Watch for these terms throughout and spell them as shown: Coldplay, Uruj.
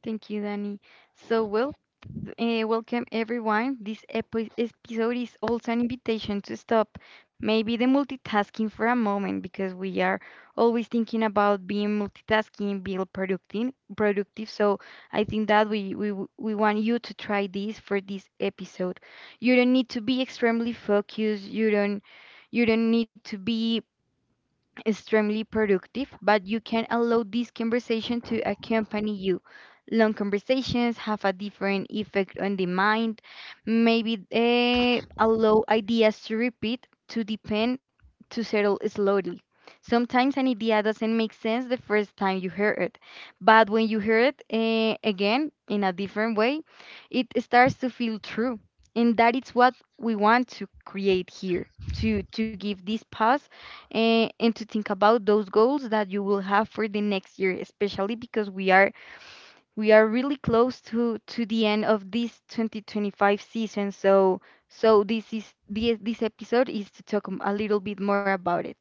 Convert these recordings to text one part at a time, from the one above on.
Thank you, Danny. So, well, Welcome everyone. This episode is also an invitation to stop maybe the multitasking for a moment because we are always thinking about being multitasking, being productive. Productive. I think that we want you to try this for this episode. You don't need to be extremely focused. You don't need to be extremely productive, but you can allow this conversation to accompany you. Long conversations have a different effect on the mind. Maybe allow ideas to repeat, to depend, to settle slowly. Sometimes an idea doesn't make sense the first time you hear it, but when you hear it again in a different way, it starts to feel true. And that is what we want to create here to give this pause and to think about those goals that you will have for the next year, especially because we are really close to the end of this 2025 season. So this is this episode is to talk a little bit more about it.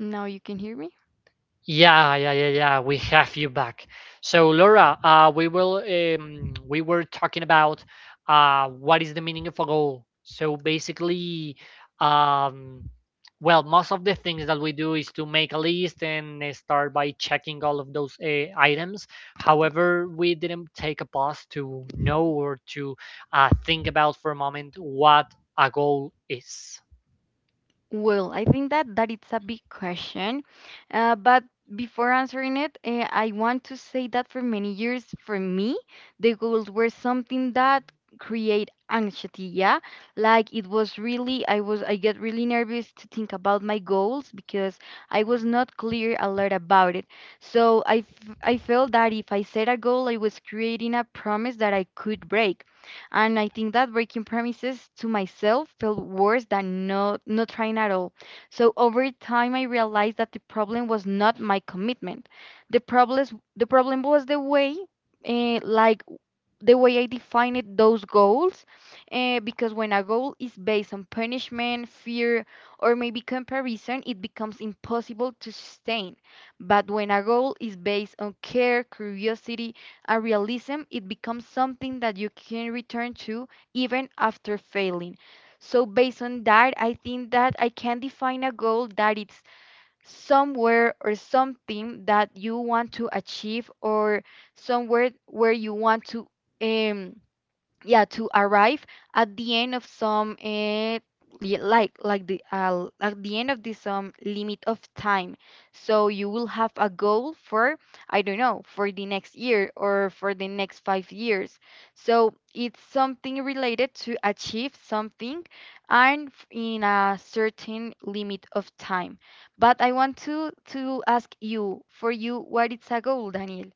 Now you can hear me? Well, I think that it's a big question, but before answering it, I want to say that for many years, for me, the goals were something that create anxiety. Yeah, like it was really, I was, I get really nervous to think about my goals because I was not clear a lot about it. So I felt that if I set a goal, I was creating a promise that I could break. And I think that breaking promises to myself felt worse than not trying at all. So over time, I realized that the problem was not my commitment. The problem, the problem was the way, like the way I define it, those goals, because when a goal is based on punishment, fear, or maybe comparison, it becomes impossible to sustain. But when a goal is based on care, curiosity, and realism, it becomes something that you can return to even after failing. So based on that, I think that I can define a goal that it's somewhere or something that you want to achieve or somewhere where you want to um, yeah to arrive at the end of some li- like the at the end of the some limit of time, so you will have a goal for, I don't know, for the next year or for the next 5 years. So it's something related to achieve something and in a certain limit of time. But I want to ask you, for you, what is a goal, Daniel?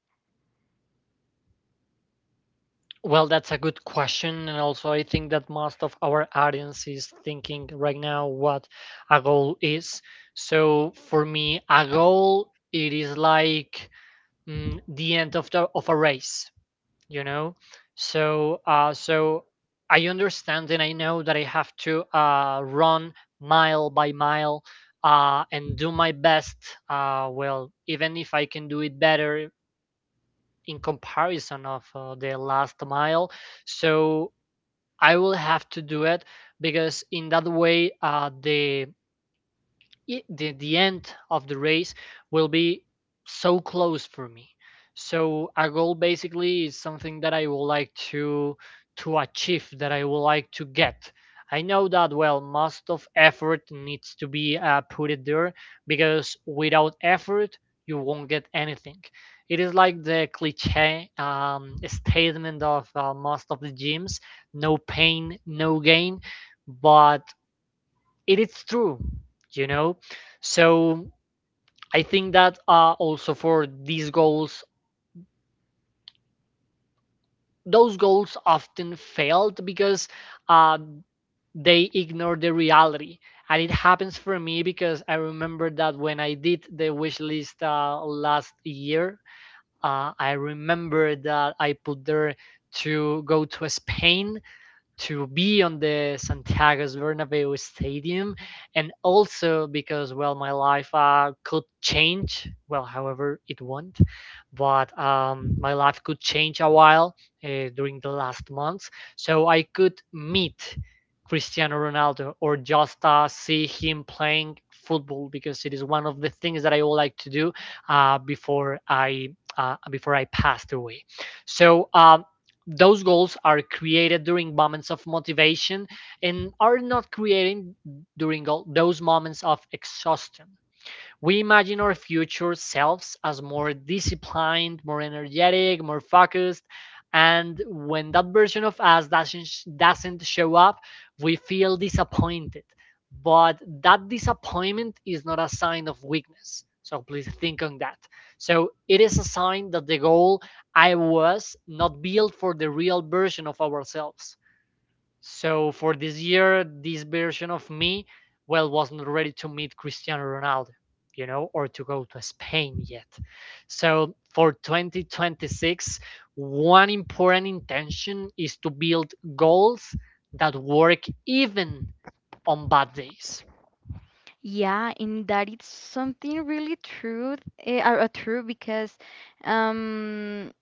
Yeah, in that it's something really true, true um,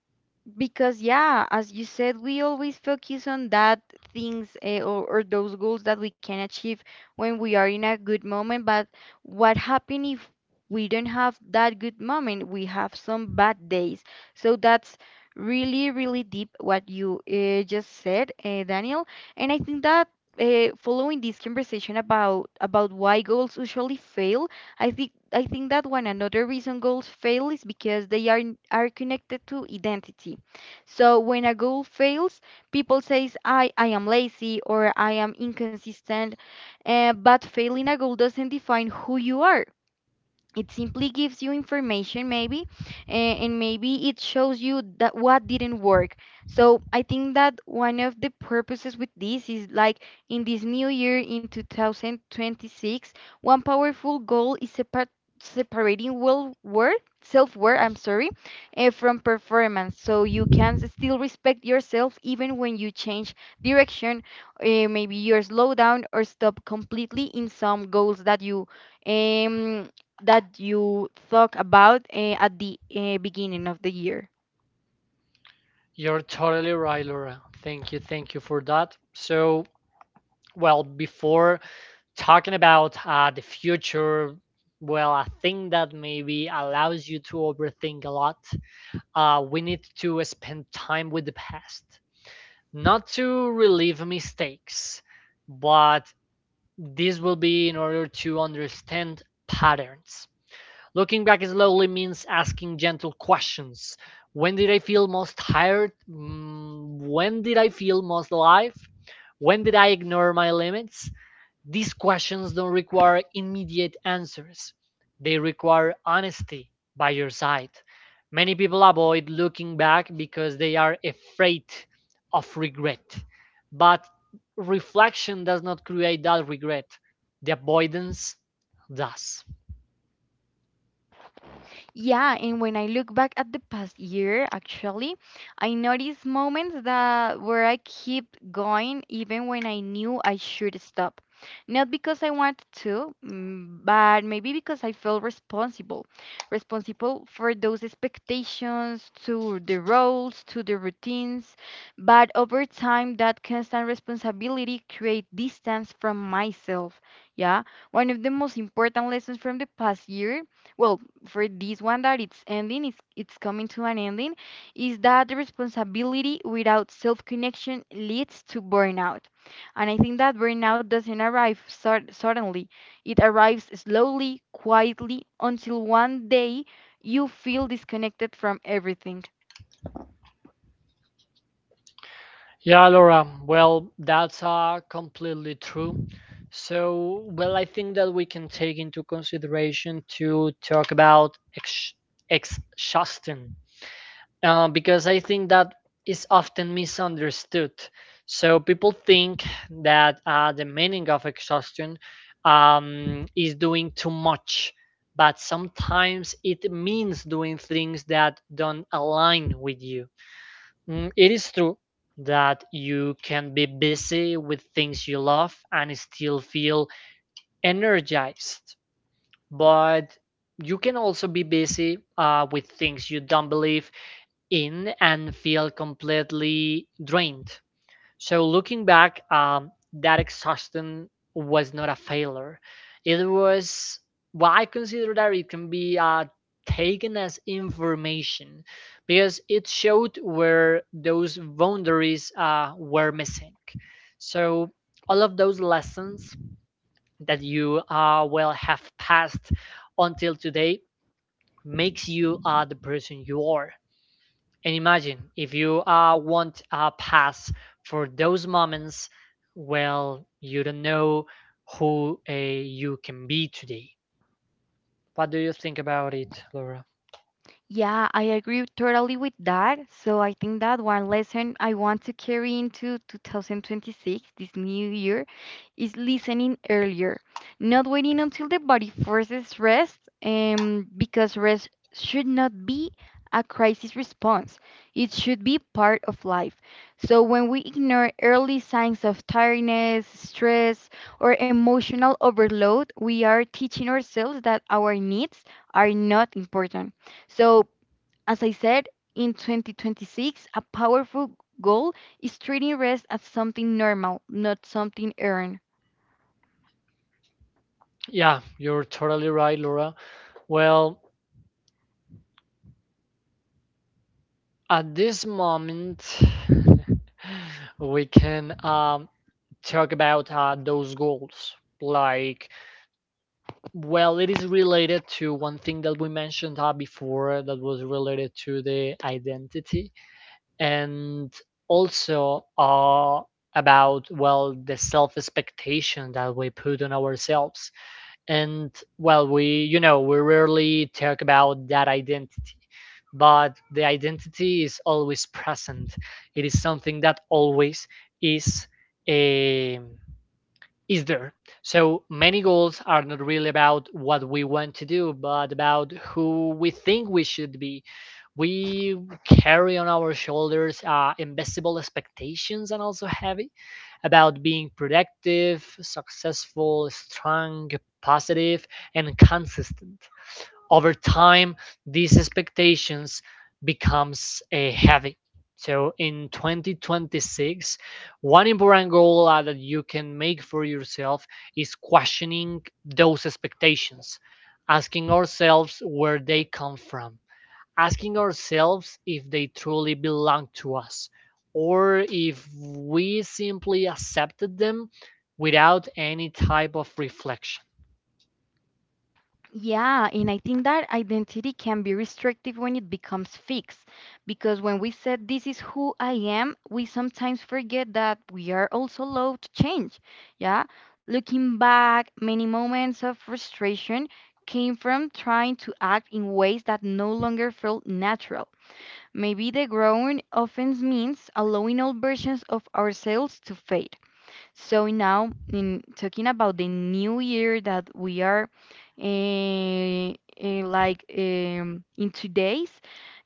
because yeah, as you said, we always focus on that things or those goals that we can achieve when we are in a good moment. But what happen if we don't have that good moment? We have some bad days. So that's really, really deep what you just said, Daniel. And I think that following this conversation about why goals usually fail, I think that one another reason goals fail is because they are connected to identity. So when a goal fails, people says I am lazy or I am inconsistent. But failing a goal doesn't define who you are. It simply gives you information, maybe. And maybe it shows you that what didn't work. So I think that one of the purposes with this is, like, in this new year, in 2026, one powerful goal is separating well worth self-worth, I'm sorry, from performance, so you can still respect yourself even when you change direction. Eh, Maybe you slow down or stop completely in some goals um, that you thought about at the beginning of the year? Yeah, and when I look back at the past year, actually, I noticed moments that where I kept going even when I knew I should stop. Not because I wanted to, but maybe because I felt responsible. Responsible for those expectations, to the roles, to the routines. But over time, that constant responsibility create distance from myself. Yeah, one of the most important lessons from the past year, well, for this one that it's ending, it's coming to an ending, is that the responsibility without self connection leads to burnout. And I think that burnout doesn't arrive suddenly. It arrives slowly, quietly, until one day you feel disconnected from everything. Yeah, Laura. Well, that's completely true. Well, I think that we can take into consideration to talk about exhaustion because I think that is often misunderstood. So people think that the meaning of exhaustion is doing too much, but sometimes it means doing things that don't align with you. Mm, it is true that you can be busy with things you love and still feel energized, but you can also be busy with things you don't believe in and feel completely drained. So looking back, that exhaustion was not a failure. It was what I consider that it can be taken as information because it showed where those boundaries were missing. So all of those lessons that you will have passed until today makes you the person you are, and imagine if you want a pass for those moments, well, you don't know who you can be today. What do you think about it, Laura? Yeah, I agree totally with that. So I think that one lesson I want to carry into 2026, this new year, is listening earlier, not waiting until the body forces rest, because rest should not be a crisis response. It should be part of life. So when we ignore early signs of tiredness, stress, or emotional overload, we are teaching ourselves that our needs are not important. So as I said, in 2026, a powerful goal is treating rest as something normal, not something earned. Yeah, you're totally right, Laura. Well, at this moment, we can talk about those goals. Like, well, it is related to one thing that we mentioned before that was related to the identity, and also about, well, the self expectation that we put on ourselves. And, well, we we rarely talk about that identity, but the identity is always present. It is something that always is a is there. So many goals are not really about what we want to do, but about who we think we should be. We carry on our shoulders invisible expectations, and also heavy, about being productive, successful, strong, positive, and consistent over time. These expectations becomes a heavy. So in 2026, one important goal that you can make for yourself is questioning those expectations, asking ourselves where they come from, asking ourselves if they truly belong to us, or if we simply accepted them without any type of reflection. Yeah, and I think that identity can be restrictive when it becomes fixed. Because when we said this is who I am, we sometimes forget that we are also allowed to change. Yeah, looking back, many moments of frustration came from trying to act in ways that no longer felt natural. Maybe the growing offense means allowing old versions of ourselves to fade. So now, in talking about the new year that we are eh, in today's,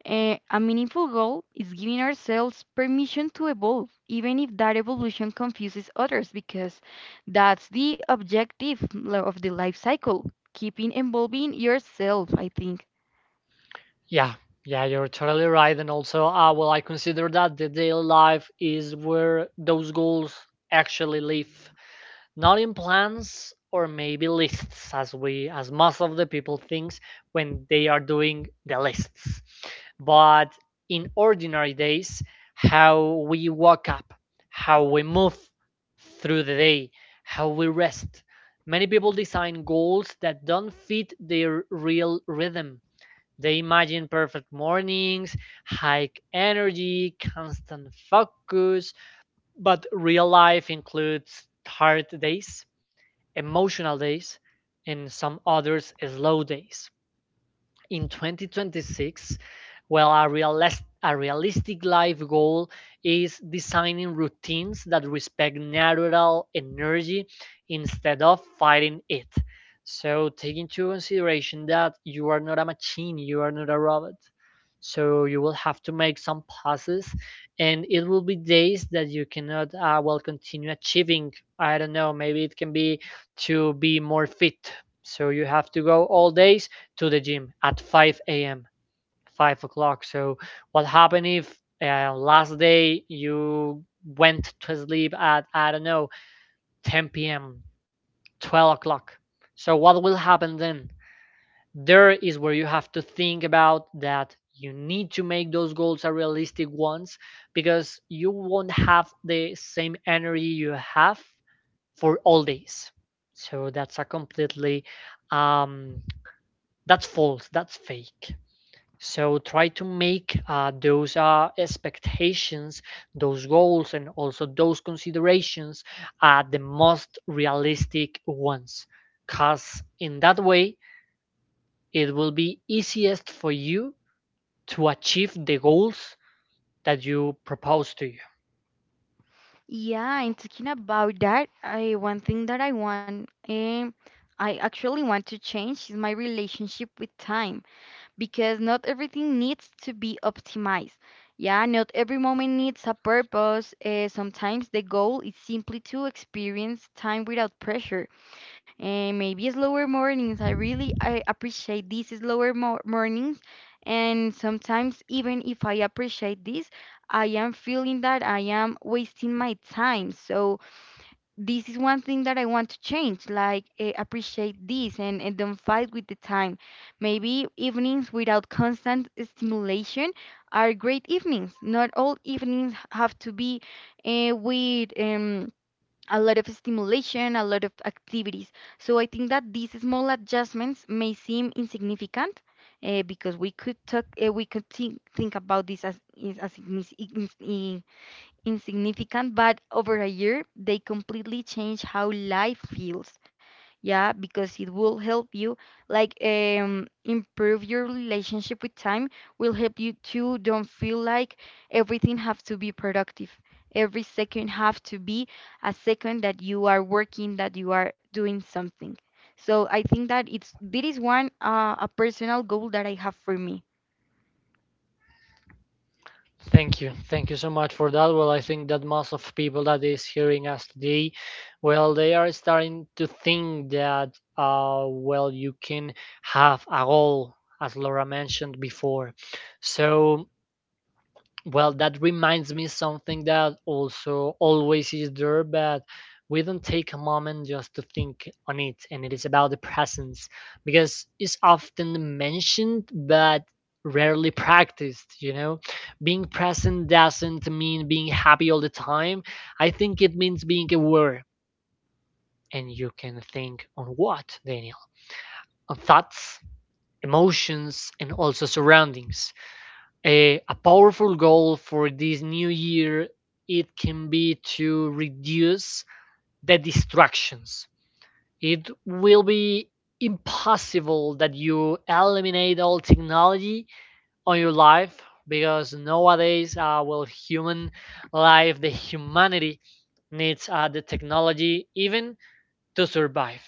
a meaningful goal is giving ourselves permission to evolve, even if that evolution confuses others, because that's the objective of the life cycle. Keeping evolving yourself, I think. Yeah, yeah, you're totally right. And also, well, I consider that the daily life is where those goals actually live, not in plans or maybe lists, as as most of the people thinks when they are doing the lists, but in ordinary days: how we wake up, how we move through the day, how we rest. Many people design goals that don't fit their real rhythm. They imagine perfect mornings, high energy, constant focus, but real life includes tired days, emotional days, and some others slow days. In 2026, well, a realistic life goal is designing routines that respect natural energy instead of fighting it. So take into consideration that you are not a machine, you are not a robot, so you will have to make some pauses, and it will be days that you cannot, well, continue achieving. I don't know, maybe it can be to be more fit, so you have to go all day to the gym at 5 a.m., 5 o'clock. So what happened if last day you went to sleep at, I don't know, 10 p.m., 12 o'clock? So what will happen then? There is where you have to think about that you need to make those goals are realistic ones, because you won't have the same energy you have for all days. So that's a completely um that's false, that's fake. So try to make those expectations, those goals, and also those considerations, the most realistic ones. Because in that way, it will be easiest for you to achieve the goals that you propose to. Yeah, and talking about that, I one thing that I want, I actually want to change is my relationship with time, because not everything needs to be optimized. Yeah, not every moment needs a purpose. Sometimes the goal is simply to experience time without pressure, and maybe slower mornings. I appreciate these slower mornings, and sometimes even if I appreciate this, I am feeling that I am wasting my time. So this is one thing that I want to change, like appreciate this and don't fight with the time. Maybe evenings without constant stimulation are great evenings. Not all evenings have to be with a lot of stimulation, a lot of activities. So I think that these small adjustments may seem insignificant, because we could talk, we could think about this as, insignificant, but over a year they completely change how life feels. Yeah, because it will help you, like, improve your relationship with time, will help you to don't feel like everything have to be productive, every second have to be a second that you are working, that you are doing something. So I think that it's this is one a personal goal that I have for me. Thank you. Thank you so much for that. Well, I think that most of people that is hearing us today, well, they are starting to think that, well, you can have a goal, as Laura mentioned before. So, well, that reminds me something that also always is there, but we don't take a moment just to think on it, and it is about the presence, because it's often mentioned but rarely practiced, you know? Being present doesn't mean being happy all the time. I think it means being aware, and you can think on what, Daniel? On thoughts, emotions, and also surroundings. A powerful goal for this new year, it can be to reduce the distractions. It will be impossible that you eliminate all technology on your life, because nowadays, well, human life the humanity needs the technology even to survive.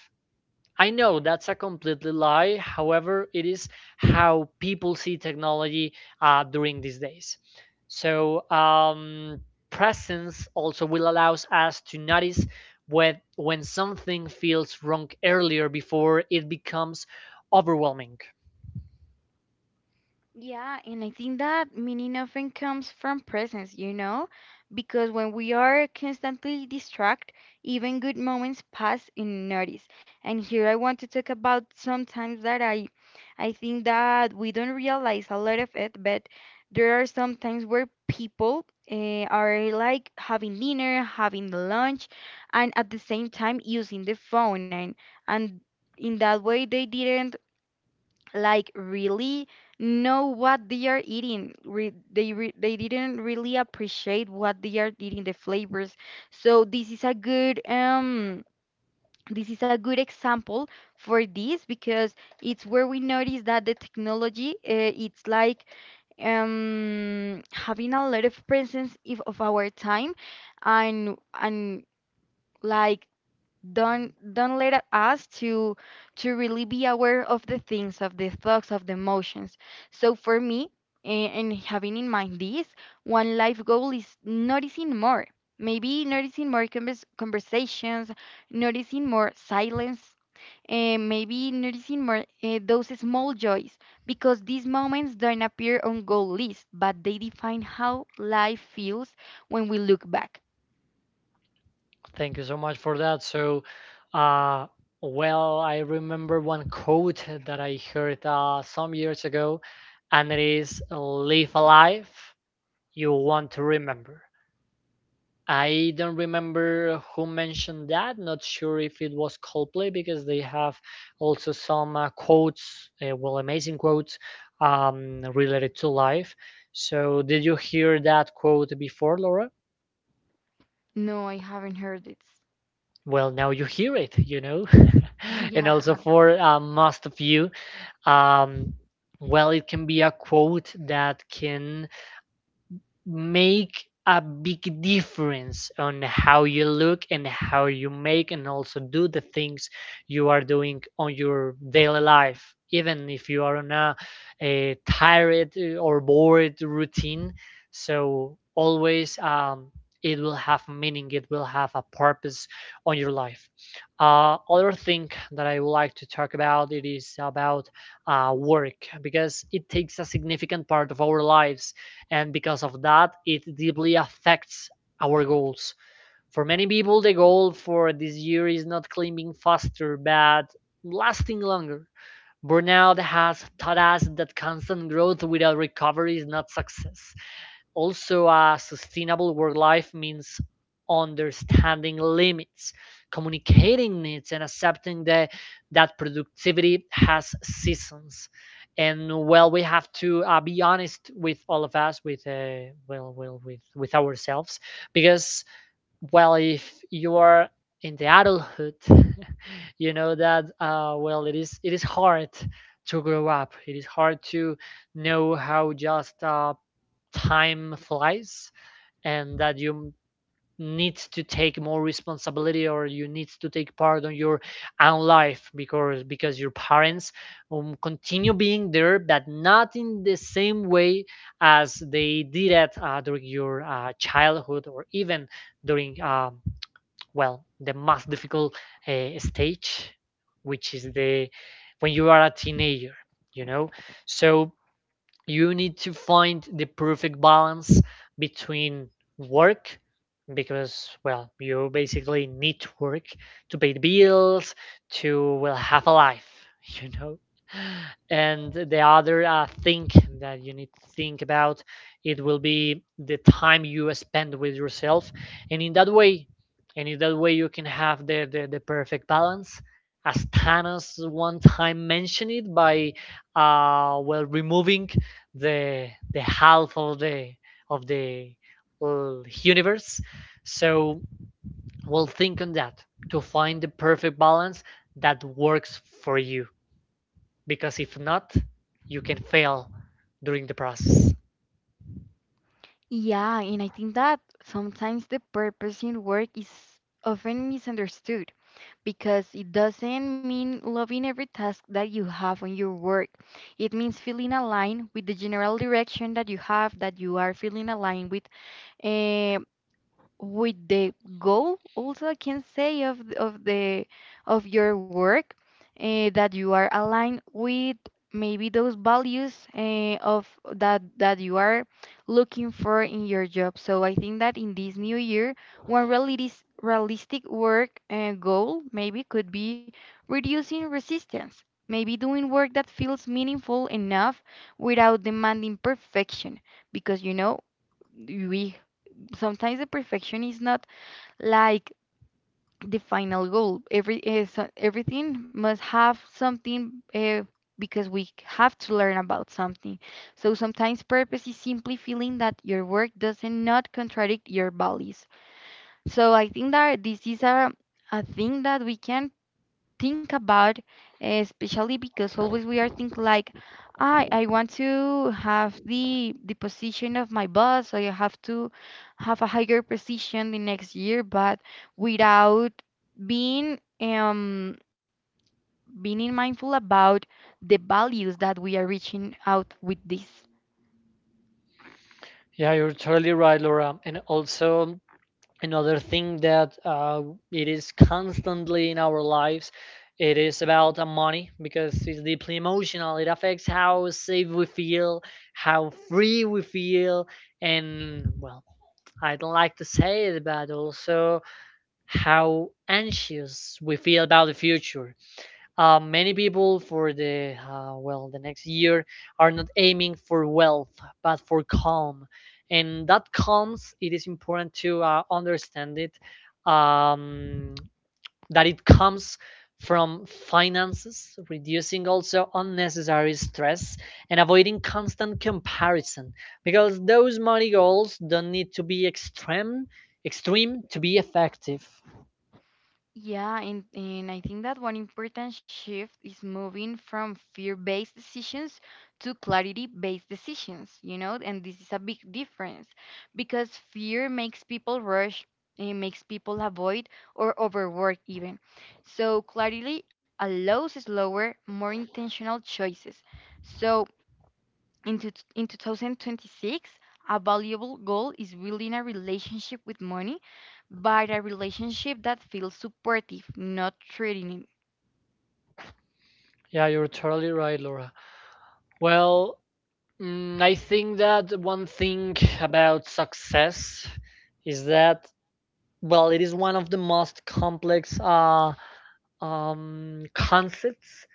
I know that's a completely lie. However, it is how people see technology during these days. So, presence also will allows us to notice when, something feels wrong earlier, before it becomes overwhelming. Yeah, and I think that meaning often comes from presence, you know, because when we are constantly distracted, even good moments pass unnoticed. And here I want to talk about sometimes that I think that we don't realize a lot of it, but there are some times where people are like having dinner, having lunch, and at the same time using the phone, and in that way they didn't, like, really know what they are eating. They didn't really appreciate what they are eating, the flavors. So this is a good this is a good example for this because it's where we notice that the technology it's like having a lot of presence if, of our time and like don't let us to really be aware of the things, of the thoughts, of the emotions. So for me, and having in mind this, one life goal is noticing more, maybe noticing more conversations, noticing more silence, and maybe noticing more those small joys, because these moments don't appear on goal list, but they define how life feels when we look back. Thank you so much for that. So, uh, well, I remember one quote that I heard some years ago, and it is, live a life you want to remember. I don't remember who mentioned that. Not sure if it was Coldplay, because they have also some quotes, well, amazing quotes related to life. So, did you hear that quote before, Laura? No, I haven't heard it. Well, now you hear it, you know. Yeah. And also for most of you, um, well, it can be a quote that can make a big difference on how you look and how you make and also do the things you are doing on your daily life, even if you are on a tired or bored routine. So always, it will have meaning, it will have a purpose on your life. Other thing that I would like to talk about it is about work, because it takes a significant part of our lives, and because of that it deeply affects our goals. For many people the goal for this year is not climbing faster but lasting longer. Burnout has taught us that constant growth without recovery is not success. Also, a sustainable work life means understanding limits, communicating needs, and accepting that productivity has seasons. And, well, we have to be honest with all of us, with with ourselves, because, well, if you are in the adulthood, you know that well, it is hard to grow up, it is hard to know how, just, time flies, and that you need to take more responsibility, or you need to take part on your own life, because your parents continue being there, but not in the same way as they did it during your childhood, or even during well, the most difficult stage, which is the when you are a teenager, you know. So you need to find the perfect balance between work, because, well, you basically need to work, to pay the bills, to, well, have a life, you know. And the other thing that you need to think about, it will be the time you spend with yourself, and in that way, you can have the perfect balance, as Thanos one time mentioned it by, well, removing the half of the universe. So we'll think on that to find the perfect balance that works for you. Because if not, you can fail during the process. Yeah, and I think that sometimes the purpose in work is often misunderstood because it doesn't mean loving every task that you have on your work. It means feeling aligned with the general direction that you have, that you are feeling aligned with. eh, with the goal also I can say of the of your work, that you are aligned with, maybe those values, eh, of that that you are looking for in your job. So I think that in this new year, one realistic work goal maybe could be reducing resistance. Maybe doing work that feels meaningful enough without demanding perfection, because you know we sometimes the perfection is not, like, the final goal. Every everything must have something, because we have to learn about something. So sometimes purpose is simply feeling that your work doesn't not contradict your values. So I think that this is a thing that we can think about, especially because always we are think like, I want to have the position of my boss, so I have to have a higher position the next year, but without being being mindful about the values that we are reaching out with this. Yeah, you're totally right, Laura. And also, another thing that it is constantly in our lives, it is about money, because it's deeply emotional, it affects how safe we feel, how free we feel, and, well, I don't like to say it, but also how anxious we feel about the future. Many people for the well, the next year are not aiming for wealth but for calm, and that calms it is important to understand it. Um, that it comes from finances, reducing also unnecessary stress, and avoiding constant comparison, because those money goals don't need to be extreme to be effective. Yeah, and I think that one important shift is moving from fear-based decisions to clarity-based decisions, you know, and this is a big difference because fear makes people rush, it makes people avoid or overwork even. So clarity allows slower, more intentional choices. So in 2026, a valuable goal is building a relationship with money, but a relationship that feels supportive, not threatening. Yeah, you're totally right, Laura. Well, mm, I think that one thing about success is that, well, it is one of the most complex concepts,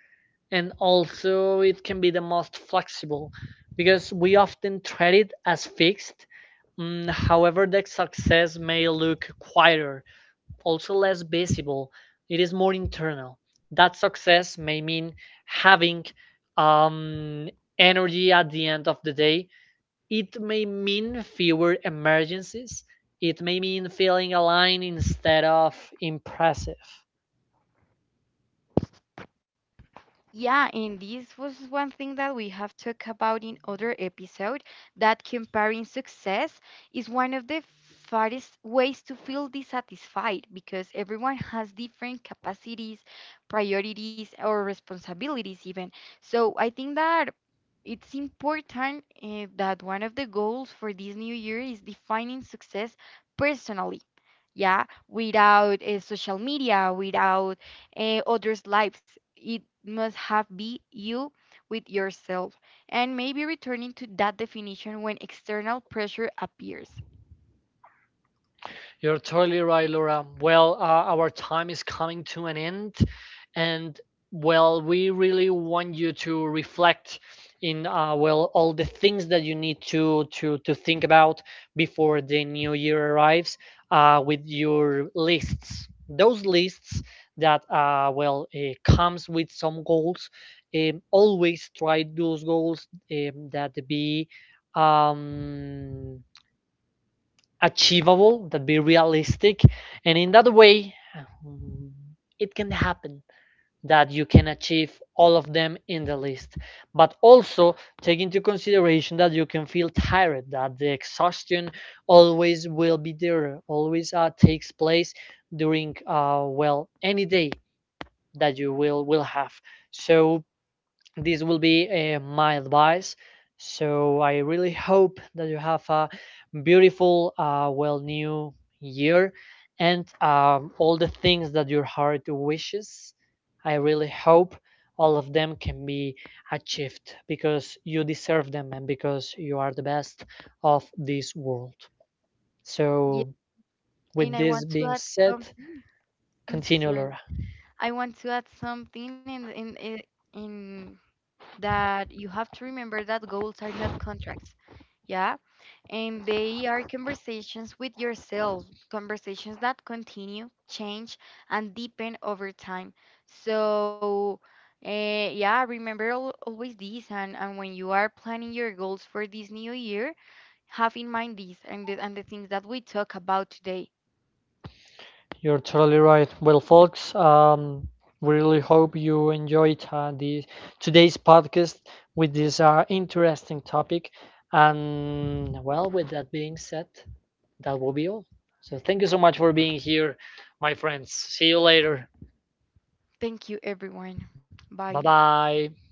and also it can be the most flexible, because we often treat it as fixed. Mm, however, the success may look quieter, also less visible. It is more internal. That success may mean having um, energy at the end of the day. It may mean fewer emergencies. It may mean feeling aligned instead of impressive. Yeah, and this was one thing that we have talked about in other episode that comparing success is one of the fattest ways to feel dissatisfied because everyone has different capacities, priorities, or responsibilities even. So I think that it's important, that one of the goals for this new year is defining success personally. Yeah, without social media, without others' lives. It must have be you with yourself, and maybe returning to that definition when external pressure appears. You're totally right, Laura. Well, our time is coming to an end, and, well, we really want you to reflect in, well, all the things that you need to think about before the new year arrives with your lists. Those lists that comes with some goals. Always try those goals that be um achievable, that be realistic, and in that way, mm, it can happen that you can achieve all of them in the list. But also take into consideration that you can feel tired, that the exhaustion always will be there, always takes place during well, any day that you will have. So this will be my advice. So I really hope that you have a beautiful, well, new year, and all the things that your heart wishes. I really hope all of them can be achieved, because you deserve them, and because you are the best of this world. Yeah, So, and with I this want to being add said, something. I'm continue, sorry. Laura. I want to add something in that you have to remember that goals are not contracts. Yeah. And they are conversations with yourself, conversations that continue, change, and deepen over time. So, uh, yeah, remember always this. And when you are planning your goals for this new year, have in mind this and the things that we talk about today. You're totally right. Well, folks, we really hope you enjoyed the today's podcast with this interesting topic. And, well, with that being said, that will be all. So thank you so much for being here, my friends. See you later. Thank you, everyone. Bye Bye. bye.